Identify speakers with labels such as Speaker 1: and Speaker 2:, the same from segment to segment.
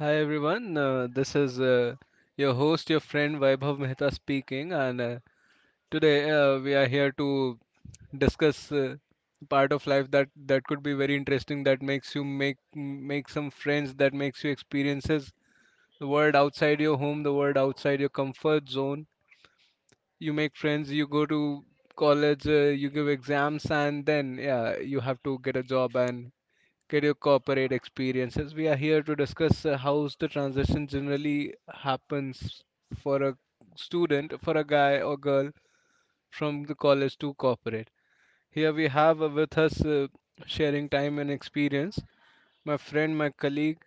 Speaker 1: Hi everyone, this is your host, your friend Vaibhav Mehta speaking, and today we are here to discuss part of life that could be very interesting, that makes you make some friends, that makes you experiences the world outside your home, the world outside your comfort zone. You make friends, you go to college, you give exams, and then yeah, you have to get a job and career, corporate experiences. We are here to discuss how the transition generally happens for a student, for a guy or girl from the college to corporate. Here we have with us sharing time and experience my friend, my colleague,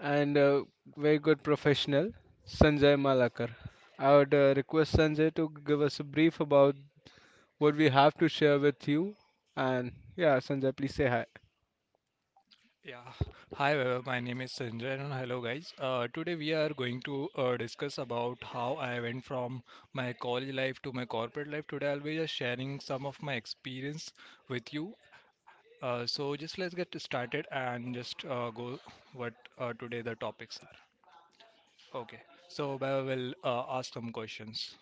Speaker 1: and very good professional, Sanjay Malakar. I would request Sanjay to give us a brief about what we have to share with you. And yeah, Sanjay, please say hi.
Speaker 2: Yeah. Hi, Vaibhav. My name is Sanjay, and hello, guys. Today we are going to discuss about how I went from my college life to my corporate life. Today I'll be just sharing some of my experience with you. So just let's get started and just go what today the topics are. Okay. So Vaibhav will ask some questions.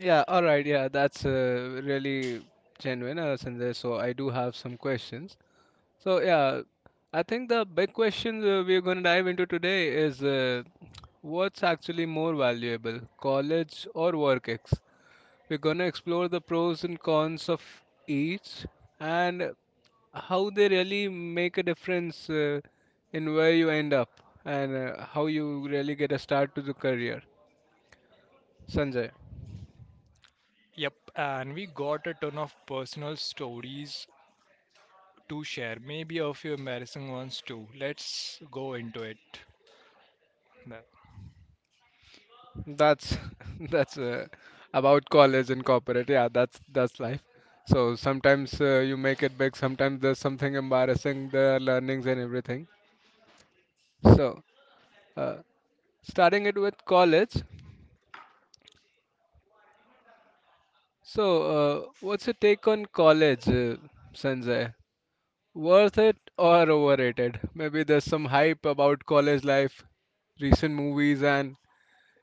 Speaker 1: Yeah, all right. Yeah, that's really genuine, Sanjay. So I do have some questions. So yeah, I think the big question we're going to dive into today is what's actually more valuable, college or work ex? We're going to explore the pros and cons of each and how they really make a difference in where you end up and how you really get a start to the career. Sanjay.
Speaker 2: Yep, and we got a ton of personal stories to share. Maybe a few embarrassing ones too. Let's go into it. Vaibhav.
Speaker 1: That's that's about college and corporate. Yeah, that's life. So sometimes you make it big. Sometimes there's something embarrassing. There are learnings and everything. So uh, starting it with college. So what's your take on college, Sanjay? Worth it or overrated? Maybe there's some hype about college life, recent movies, and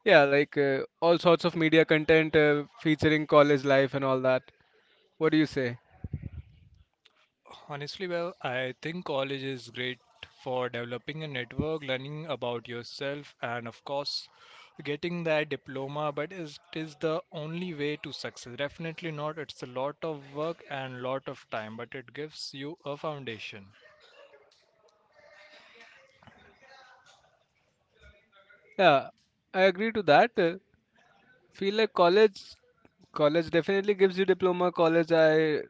Speaker 1: yeah, like all sorts of media content featuring college life and all that. What do you say?
Speaker 2: Honestly, well, I think college is great for developing a network, learning about yourself, and of course, getting that diploma. But is it is the only way to success? Definitely not. It's a lot of work and lot of time, but it gives you a foundation.
Speaker 1: Yeah, I agree to that. Feel like college definitely gives you diploma. College, I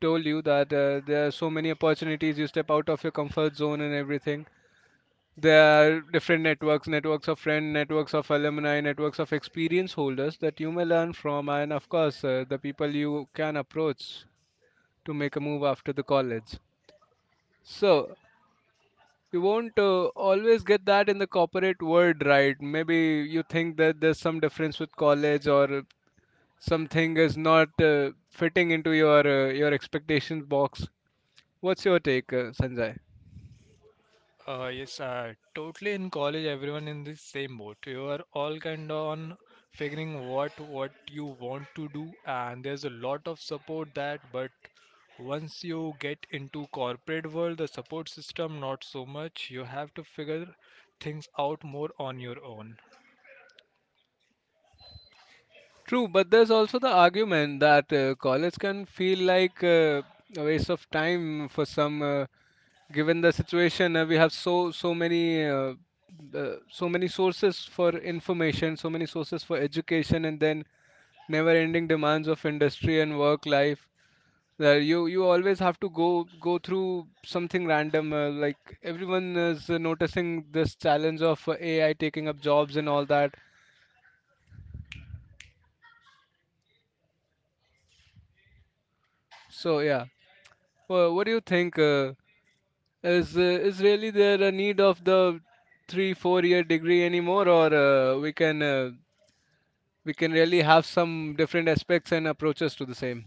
Speaker 1: told you that there are so many opportunities. You step out of your comfort zone and everything. There are different networks, networks of friends, networks of alumni, networks of experience holders that you may learn from, and of course, the people you can approach to make a move after the college. So, you won't always get that in the corporate world, right? Maybe you think that there's some difference with college or something is not fitting into your expectations box. What's your take, Sanjay?
Speaker 2: Yes, totally in college, everyone in the same boat. You are all kind of on figuring what you want to do, and there's a lot of support that. But once you get into corporate world, the support system not so much. You have to figure things out more on your own.
Speaker 1: True, but there's also the argument that college can feel like a waste of time for some. Given the situation, we have so many so many sources for information, so many sources for education, and then never ending demands of industry and work life that you always have to go through something random like everyone is noticing this challenge of AI taking up jobs and all that, so yeah, well, what do you think, is really there a need of the three four year degree anymore, or we can really have some different aspects and approaches to the same?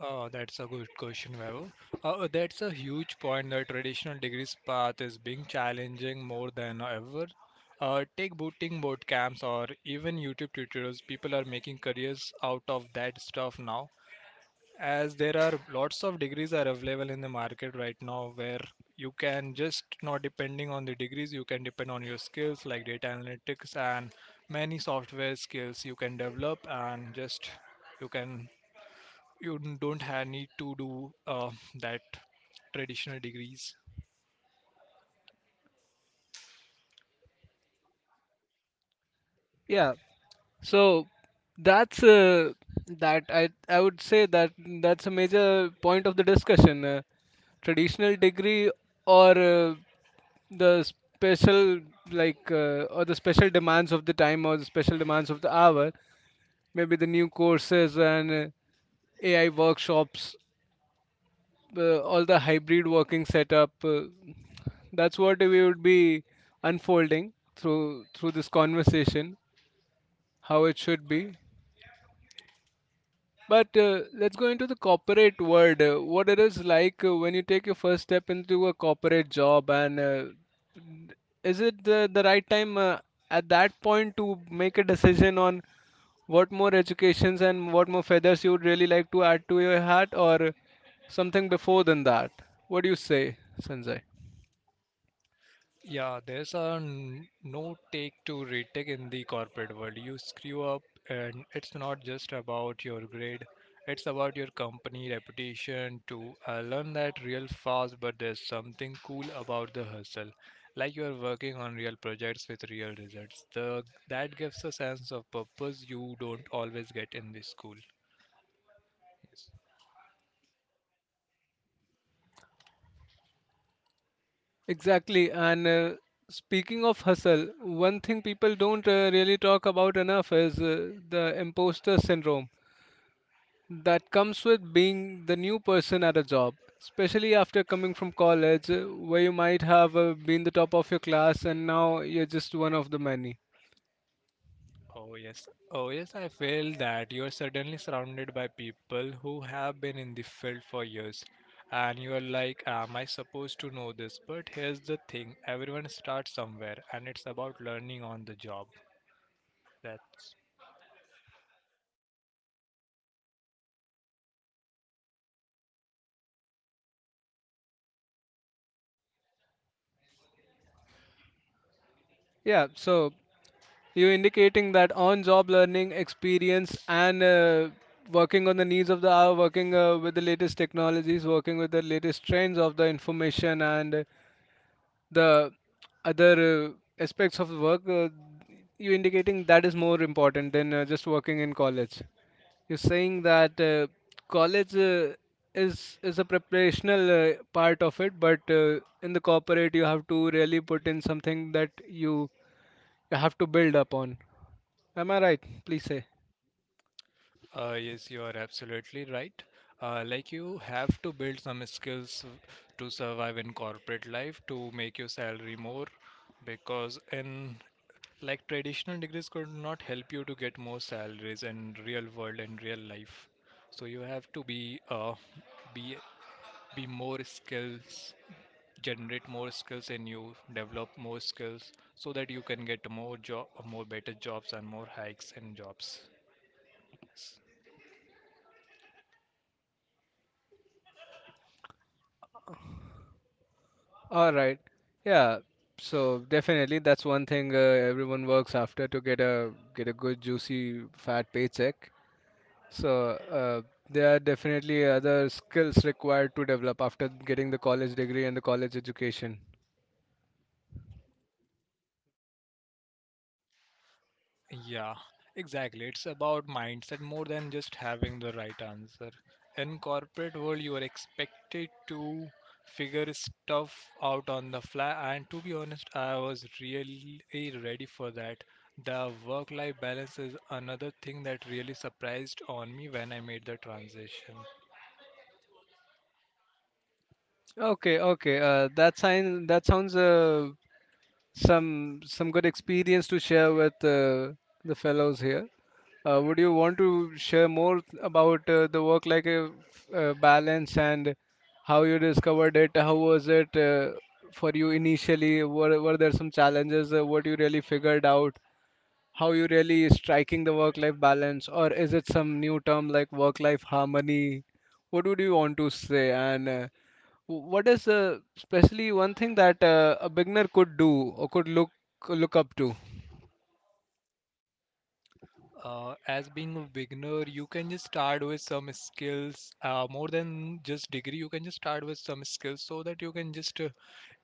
Speaker 2: Oh, that's a good question, Vaibhav. That's a huge point. The traditional degrees path is being challenging more than ever. Take boot camps or even YouTube tutorials. People are making careers out of that stuff now, as there are lots of degrees are available in the market right now where you can just not depending on the degrees, you can depend on your skills like data analytics and many software skills you can develop and just you can you don't have need to do that traditional degrees.
Speaker 1: Yeah. So that's uh, that I would say that that's a major point of the discussion. Traditional degree or the special or the special demands of the time or the special demands of the hour. Maybe the new courses and AI workshops, all the hybrid working setup. That's what we would be unfolding through this conversation. How it should be. But let's go into the corporate world. What it is like when you take your first step into a corporate job, and is it the right time at that point to make a decision on what more educations and what more feathers you would really like to add to your hat, or something before than that? What do you say, Sanjay?
Speaker 2: Yeah, there's a no take to retake in the corporate world. You screw up, and it's not just about your grade, it's about your company reputation too. I learned that real fast, but there's something cool about the hustle. Like you are working on real projects with real results. That gives a sense of purpose you don't always get in the school.
Speaker 1: Exactly. And speaking of hustle, one thing people don't really talk about enough is the imposter syndrome that comes with being the new person at a job, especially after coming from college where you might have been the top of your class and now you're just one of the many.
Speaker 2: Oh, yes. Oh, yes. I feel that you're suddenly surrounded by people who have been in the field for years. And you're like, am I supposed to know this? But here's the thing everyone starts somewhere, and it's about learning on the job. That's
Speaker 1: Yeah, so you're indicating that on job learning experience and working on the needs of the hour, working with the latest technologies, working with the latest trends of the information and the other aspects of the work, you're indicating that is more important than just working in college. You're saying that college is a preparational part of it, but in the corporate you have to really put in something that you have to build upon. Am I right? Please say.
Speaker 2: Yes, you are absolutely right. Like you have to build some skills to survive in corporate life to make your salary more because in like traditional degrees could not help you to get more salaries in real world and real life. So you have to be be more skills, generate more skills in you, develop more skills so that you can get more job, more better jobs and more hikes in jobs.
Speaker 1: All right. Yeah. So definitely that's one thing everyone works after to get a good juicy fat paycheck. So uh, there are definitely other skills required to develop after getting the college degree and the college education.
Speaker 2: Yeah, exactly. It's about mindset more than just having the right answer. In corporate world, you are expected to figure stuff out on the fly, and to be honest, I was really ready for that. The work-life balance is another thing that really surprised on me when I made the transition.
Speaker 1: Okay, okay. That sounds some good experience to share with the fellows here. Would you want to share more about the work like balance and how you discovered it? How was it for you initially? Were there some challenges? What you really figured out? How you really striking the work life balance, or is it some new term like work life harmony? What would you want to say? And what is especially one thing that a beginner could do or could look up to.
Speaker 2: As being a beginner, you can just start with some skills, more than just degree. You can just start with some skills so that you can just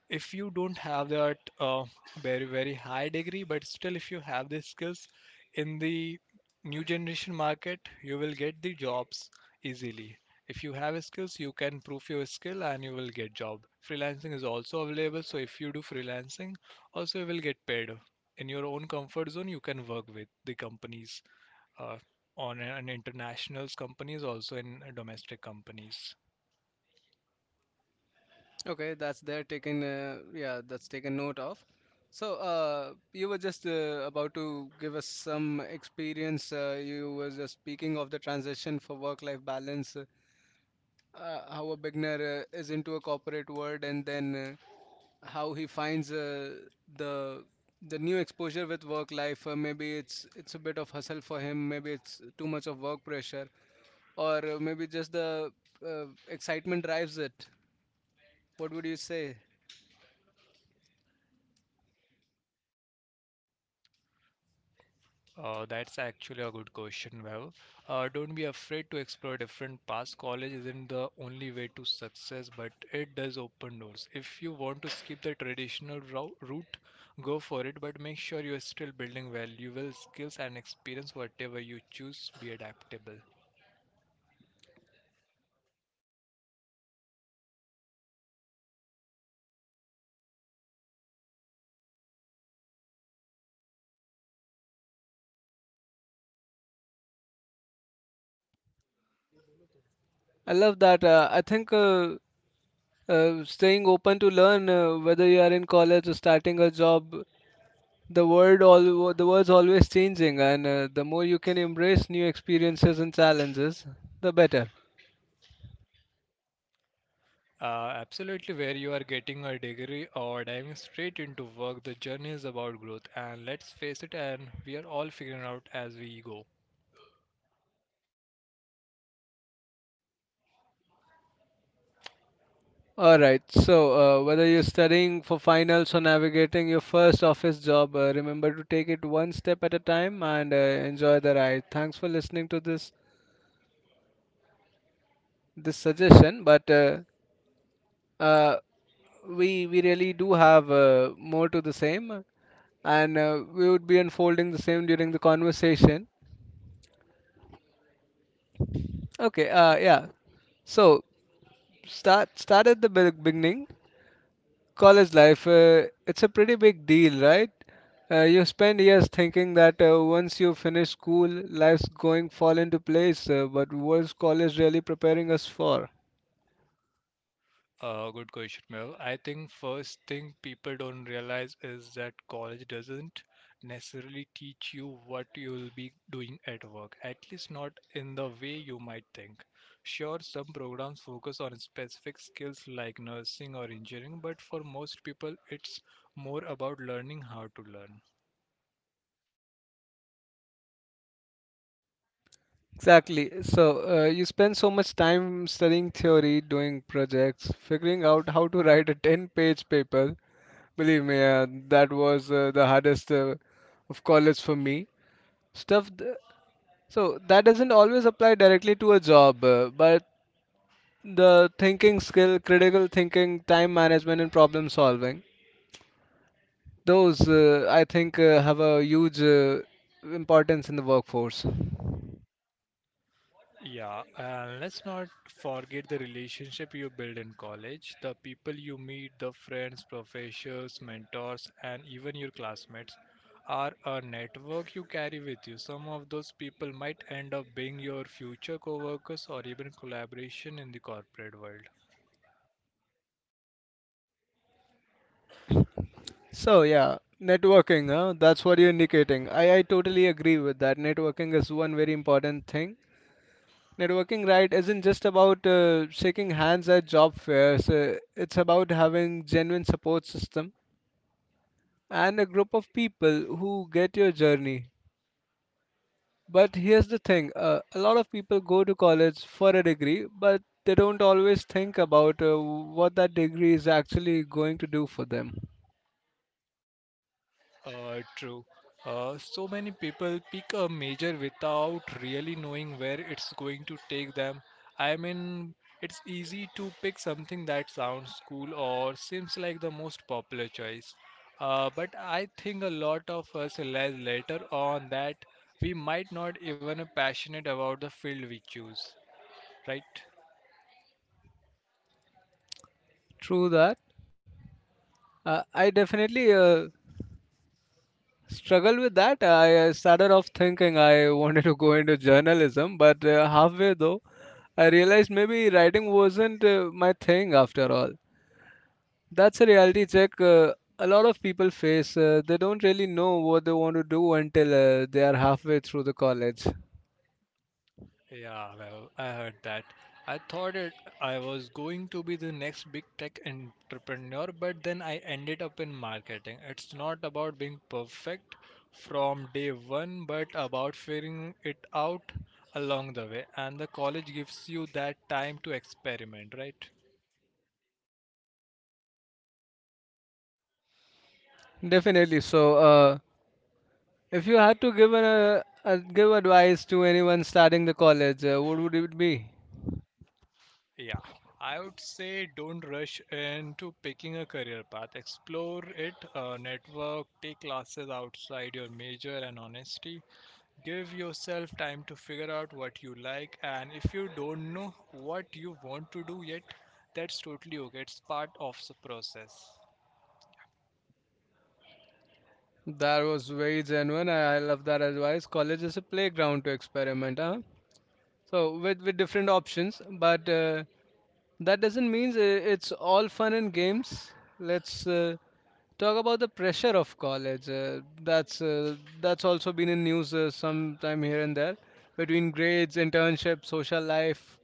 Speaker 2: if you don't have that very very high degree but still if you have the skills in the new generation market you will get the jobs easily if you have skills you can prove your skill and you will get job freelancing is also available so if you do freelancing also you will get paid in your own comfort zone you can work with the companies uh, on an internationals companies also in domestic companies.
Speaker 1: Okay, that's there taken, yeah, that's taken note of. So you were just about to give us some experience, you were just speaking of the transition for work life balance, how a beginner is into a corporate world and then how he finds the the new exposure with work life, maybe it's a bit of hustle for him, maybe it's too much of work pressure, or maybe just the excitement drives it. What would you say?
Speaker 2: That's actually a good question, Vaibhav. Don't be afraid to explore different paths. College isn't the only way to success, but it does open doors. If you want to skip the traditional route, go for it, but make sure you're still building valuable skills and experience. Whatever you choose, be adaptable.
Speaker 1: I love that. I think staying open to learn, whether you are in college or starting a job, the world's always changing, and the more you can embrace new experiences and challenges, the better.
Speaker 2: Absolutely, where you are getting a degree or diving straight into work, the journey is about growth. And let's face it, and we are all figuring out as we go.
Speaker 1: All right. So, whether you're studying for finals or navigating your first office job, remember to take it one step at a time and enjoy the ride. Thanks for listening to this suggestion, but uh, we really do have more to the same, and we would be unfolding the same during the conversation. Okay, yeah. So start at the beginning. College life, it's a pretty big deal, right? You spend years thinking that once you finish school, life's going fall into place. But what's college really preparing us for?
Speaker 2: Good question, Mel. I think first thing people don't realize is that college doesn't necessarily teach you what you'll be doing at work, at least not in the way you might think. Sure, some programs focus on specific skills like nursing or engineering, but for most people, it's more about learning how to learn.
Speaker 1: Exactly. So you spend so much time studying theory, doing projects, figuring out how to write a 10-page paper. Believe me, that was the hardest of college for me. Stuff. Th- so that doesn't always apply directly to a job, but the thinking skill, critical thinking, time management, and problem solving, those I think have a huge importance in the workforce.
Speaker 2: Yeah, and let's not forget the relationship you build in college, the people you meet, the friends, professors, mentors, and even your classmates are a network you carry with you. Some of those people might end up being your future coworkers or even collaboration in the corporate world.
Speaker 1: So yeah, networking, huh? That's what you're indicating. I totally agree with that. Networking is one very important thing. Networking, right, isn't just about shaking hands at job fairs. It's about having genuine support system and a group of people who get your journey. But here's the thing: a lot of people go to college for a degree, but they don't always think about what that degree is actually going to do for them.
Speaker 2: True. So many people pick a major without really knowing where it's going to take them. I mean, it's easy to pick something that sounds cool or seems like the most popular choice. But I think a lot of us realize later on that we might not even be passionate about the field we choose, right?
Speaker 1: True that. I definitely struggle with that. I started off thinking I wanted to go into journalism, but halfway though, I realized maybe writing wasn't my thing after all. That's a reality check a lot of people face. They don't really know what they want to do until they are halfway through the college.
Speaker 2: Yeah, well, I heard that. I thought it I was going to be the next big tech entrepreneur, but then I ended up in marketing. It's not about being perfect from day one, but about figuring it out along the way. And the college gives you that time to experiment, right?
Speaker 1: Definitely. So, if you had to give advice to anyone starting the college, what would it be?
Speaker 2: Yeah, I would say don't rush into picking a career path. Explore it, network, take classes outside your major, and honesty. Give yourself time to figure out what you like, and if you don't know what you want to do yet, that's totally okay. It's part of the process.
Speaker 1: That was very genuine. I love that advice. College is a playground to experiment, huh? So with different options, but that doesn't mean it's all fun and games. Let's Talk about the pressure of college. That's also been in news sometime here and there, between grades, internship, social life.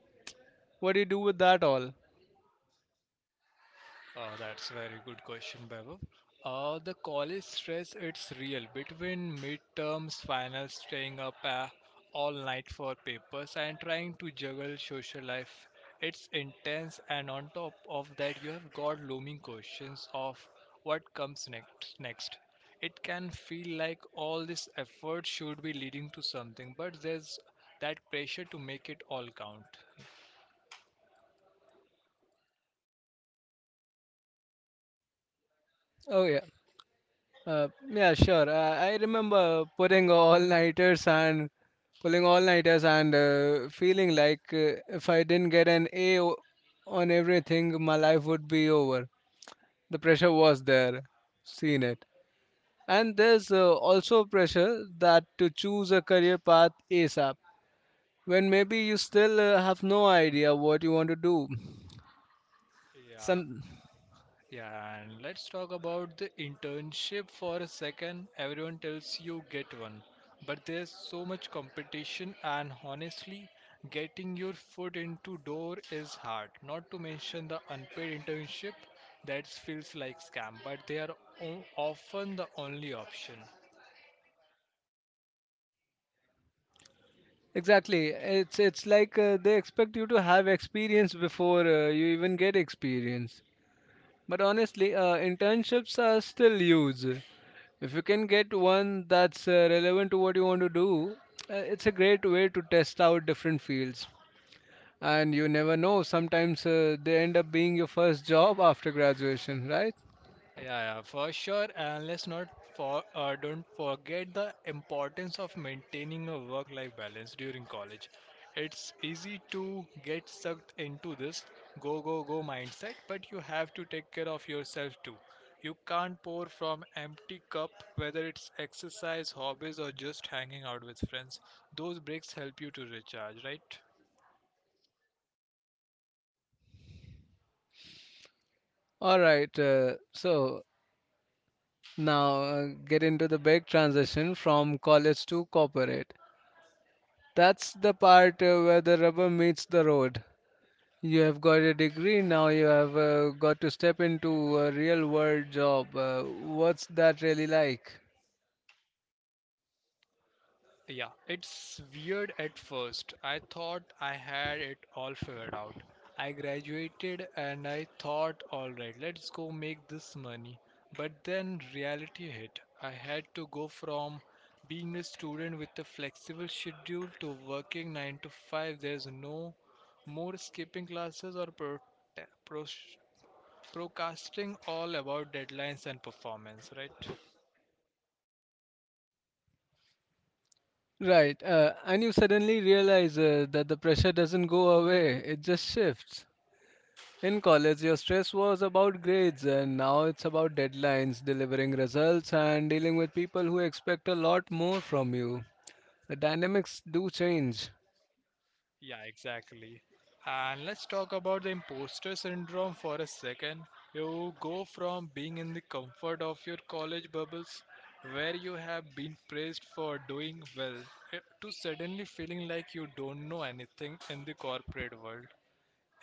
Speaker 1: What do you do with that all?
Speaker 2: That's a very good question, Vaibhav. The college stress, it's real. Between midterms, finals, staying up all night for papers, and trying to juggle social life, it's intense. And on top of that, you have got looming questions of what comes next. It can feel like all this effort should be leading to something, but there's that pressure to make it all count.
Speaker 1: Oh yeah. uh, yeah, sure. I remember putting all nighters and pulling all nighters and feeling like if I didn't get an on everything my life would be over. The pressure was there, seen it. And there's also pressure that to choose a career path ASAP when maybe you still have no idea what you want to do.
Speaker 2: Yeah.
Speaker 1: Some.
Speaker 2: Yeah, and let's talk about the internship for a second. Everyone tells you get one, but there's so much competition, and honestly, getting your foot into door is hard. Not to mention the unpaid internship that feels like scam, but they are o- often the only option.
Speaker 1: Exactly, it's like they expect you to have experience before you even get experience. But honestly, internships are still huge. If you can get one that's relevant to what you want to do, it's a great way to test out different fields. And you never know, sometimes they end up being your first job after graduation, right?
Speaker 2: Yeah, yeah, for sure. And let's not for don't forget the importance of maintaining a work-life balance during college. It's easy to get sucked into this go go go mindset, but you have to take care of yourself too. You can't pour from empty cup whether it's exercise, hobbies or just hanging out with friends. Those breaks help you to recharge, right?
Speaker 1: All right, so now get into the big transition from college to corporate. That's the part where the rubber meets the road. You have got a degree, now you have got to step into a real world job. What's that really like?
Speaker 2: Yeah, it's weird at first. I thought I had it all figured out. I graduated and I thought, alright, let's go make this money. But then reality hit. I had to go from being a student with a flexible schedule to working 9 to 5. There's no more skipping classes or pro- procrasting all about deadlines and performance, right?
Speaker 1: Right, and you suddenly realize that the pressure doesn't go away, it just shifts. In college, your stress was about grades, and now it's about deadlines, delivering results, and dealing with people who expect a lot more from you. The dynamics do change.
Speaker 2: Yeah, exactly. And let's talk about the imposter syndrome for a second. You go from being in the comfort of your college bubbles, where you have been praised for doing well, to suddenly feeling like you don't know anything in the corporate world.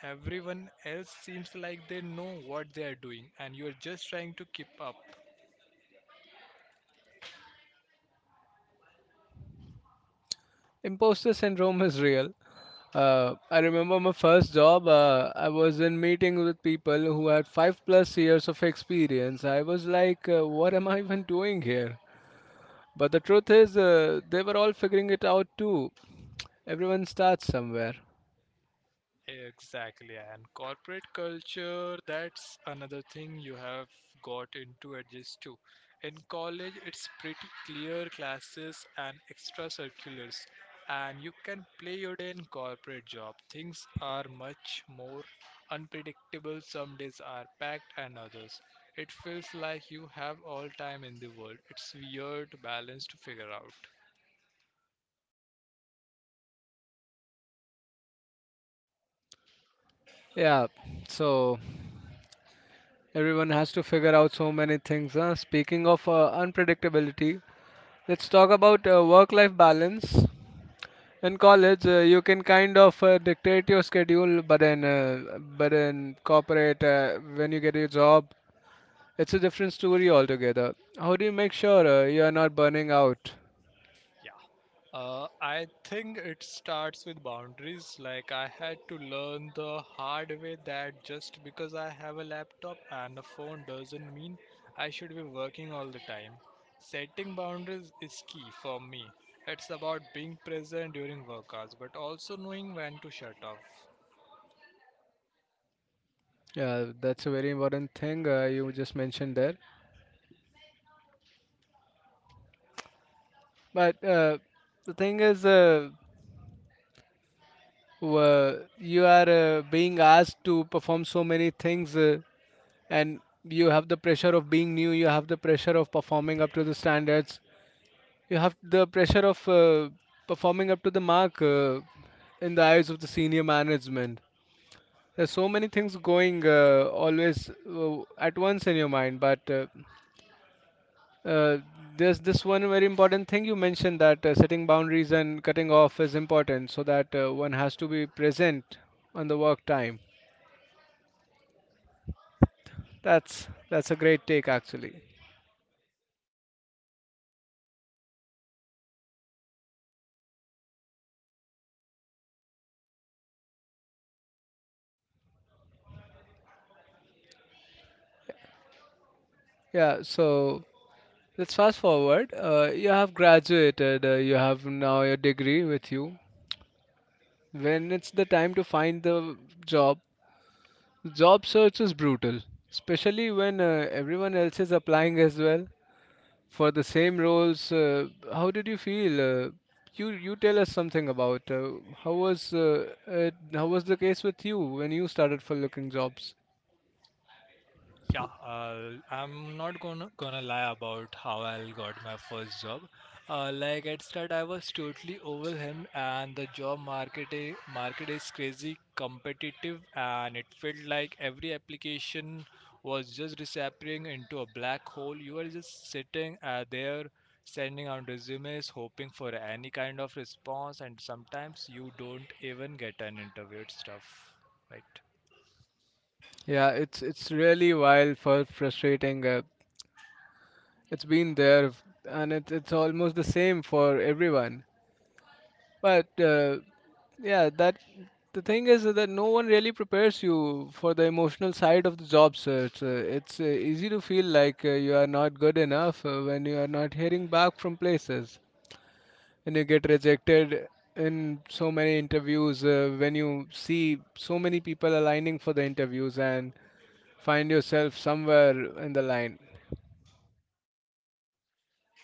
Speaker 2: Everyone else seems like they know what they are doing, and you are just trying to keep up.
Speaker 1: Imposter syndrome is real. I remember my first job, I was in meeting with people who had five plus years of experience. I was like, what am I even doing here? But the truth is, they were all figuring it out too. Everyone starts somewhere.
Speaker 2: Exactly, and corporate culture, that's another thing you have got into adjust to. In college, it's pretty clear classes and extra circulars, and you can play your day in corporate job. Things are much more unpredictable. Some days are packed, and others. It feels like you have all time in the world. It's weird balance to figure out.
Speaker 1: Yeah, so everyone has to figure out so many things, huh? Speaking of unpredictability, let's talk about work life balance. In college, you can kind of dictate your schedule, but in corporate, when you get your job, it's a different story altogether. How do you make sure you are not burning out?
Speaker 2: Yeah. I think it starts with boundaries. Like, I had to learn the hard way that just because I have a laptop and a phone doesn't mean I should be working all the time. Setting boundaries is key for me. It's about being present during work hours, but also knowing when to shut off.
Speaker 1: Yeah, that's a very important thing you just mentioned there. But the thing is, you are being asked to perform so many things. And you have the pressure of being new, you have the pressure of performing up to the standards, you have the pressure of performing up to the mark in the eyes of the senior management. There's so many things going always at once in your mind, but uh, there's this one very important thing you mentioned, that setting boundaries and cutting off is important, so that one has to be present on the work time. That's a great take actually. Yeah, so let's fast forward. You have graduated, you have now your degree with you. When it's the time to find job, job search is brutal, especially when everyone else is applying as well for the same roles. How did you feel? You tell us something about how was how was the case with you when you started for looking jobs?
Speaker 2: Yeah, I'm not gonna lie about how I got my first job. Like at start, I was totally overwhelmed, and the job market is crazy competitive, and it felt like every application was just disappearing into a black hole. You are just sitting there, sending out resumes, hoping for any kind of response, and sometimes you don't even get an interview. It's tough, right?
Speaker 1: Yeah, it's really wild for frustrating. It's been there, and it's almost the same for everyone. But yeah, that the thing is that no one really prepares you for the emotional side of the job search. It's easy to feel like you are not good enough when you are not hearing back from places, when you get rejected in so many interviews, when you see so many people aligning for the interviews and find yourself somewhere in the line.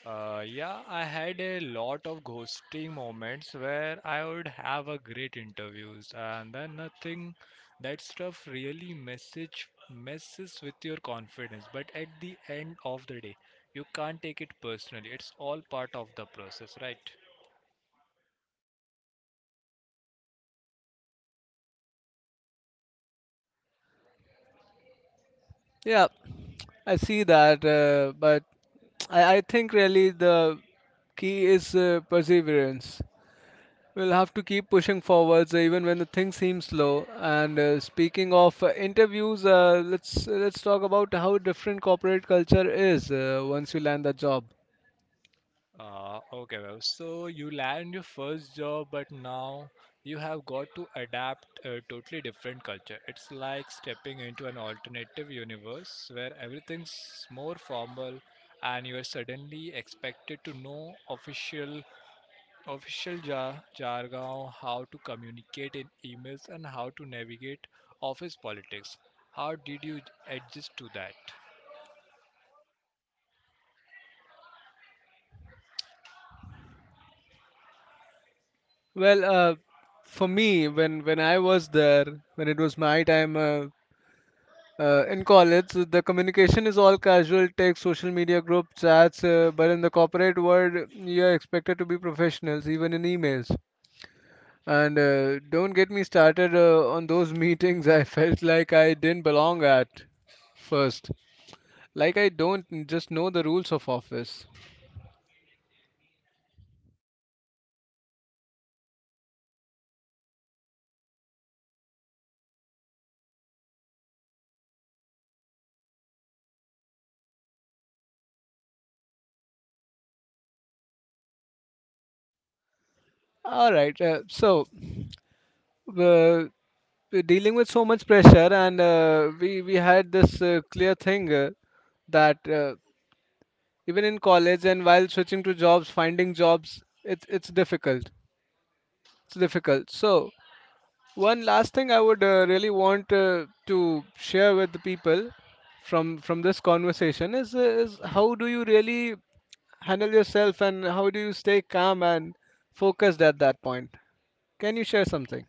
Speaker 2: Yeah, I had a lot of ghosting moments where I would have a great interviews and then nothing. That stuff really message messes with your confidence. But at the end of the day, you can't take it personally. It's all part of the process, right?
Speaker 1: Yeah, I see that, but I think really the key is perseverance. We'll have to keep pushing forwards even when the things seem slow. And speaking of interviews, let's talk about how different corporate culture is once you land the job.
Speaker 2: Okay, well, so you land your first job, but now you have got to adapt a totally different culture. It's like stepping into an alternative universe where everything's more formal and you are suddenly expected to know official jargon, how to communicate in emails and how to navigate office politics. How did you adjust to that?
Speaker 1: Well, for me, when I was there, when it was my time. In college, the communication is all casual, text, social media, group chats, but in the corporate world, you're expected to be professionals, even in emails. And don't get me started on those meetings I felt like I didn't belong at first. Like I don't just know the rules of office. All right, uh, we're dealing with so much pressure, and we had this clear thing that. Even in college and while switching to jobs finding jobs it's difficult, it's difficult. So one last thing I would really want to share with the people from this conversation is how do you really handle yourself and how do you stay calm and focused at that point? Can you share something?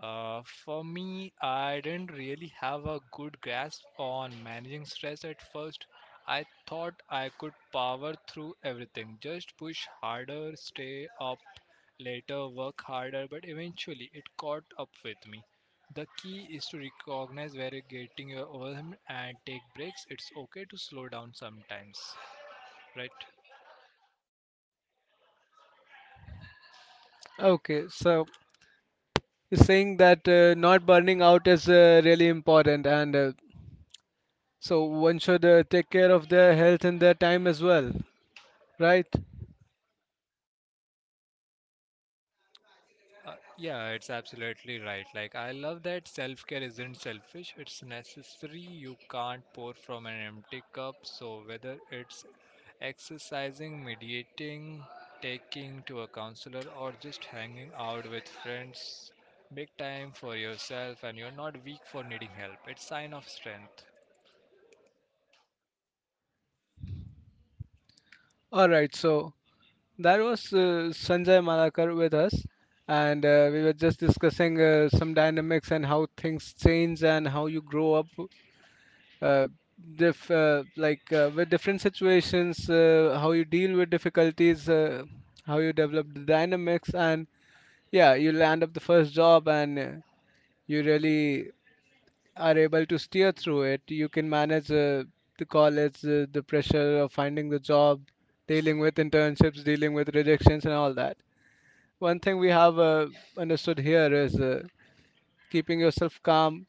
Speaker 2: For me, I didn't really have a good grasp on managing stress at first. I thought I could power through everything, just push harder, stay up later, work harder, but eventually it caught up with me. The key is to recognize where you're getting your overwhelmed and take breaks. It's okay to slow down sometimes, right?
Speaker 1: Okay, so you're saying that not burning out is really important, and so one should take care of their health and their time as well, right?
Speaker 2: Uh, yeah, it's absolutely right. Like, I love that self care isn't selfish, it's necessary. You can't pour from an empty cup. So, whether it's exercising, mediating, taking to a counselor, or just hanging out with friends, make time for yourself and you're not weak for needing help. It's sign of strength.
Speaker 1: All right, so that was Sanjay Malakar with us, and we were just discussing some dynamics and how things change and how you grow up, uh, like with different situations, how you deal with difficulties, how you develop the dynamics, and yeah, you'll end up the first job and you really are able to steer through it. You can manage the college, the pressure of finding the job, dealing with internships, dealing with rejections, and all that. One thing we have understood here is keeping yourself calm,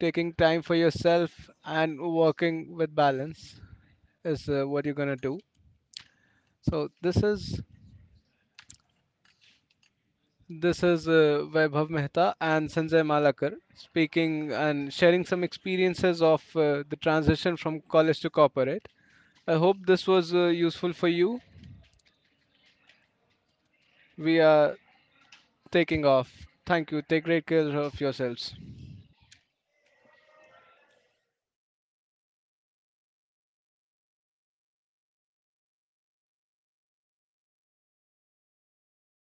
Speaker 1: taking time for yourself, and working with balance is what you're gonna do. So this is Vaibhav Mehta and Sanjay Malakar speaking and sharing some experiences of the transition from college to corporate. I hope this was useful for you. We are taking off. Thank you. Take great care of yourselves.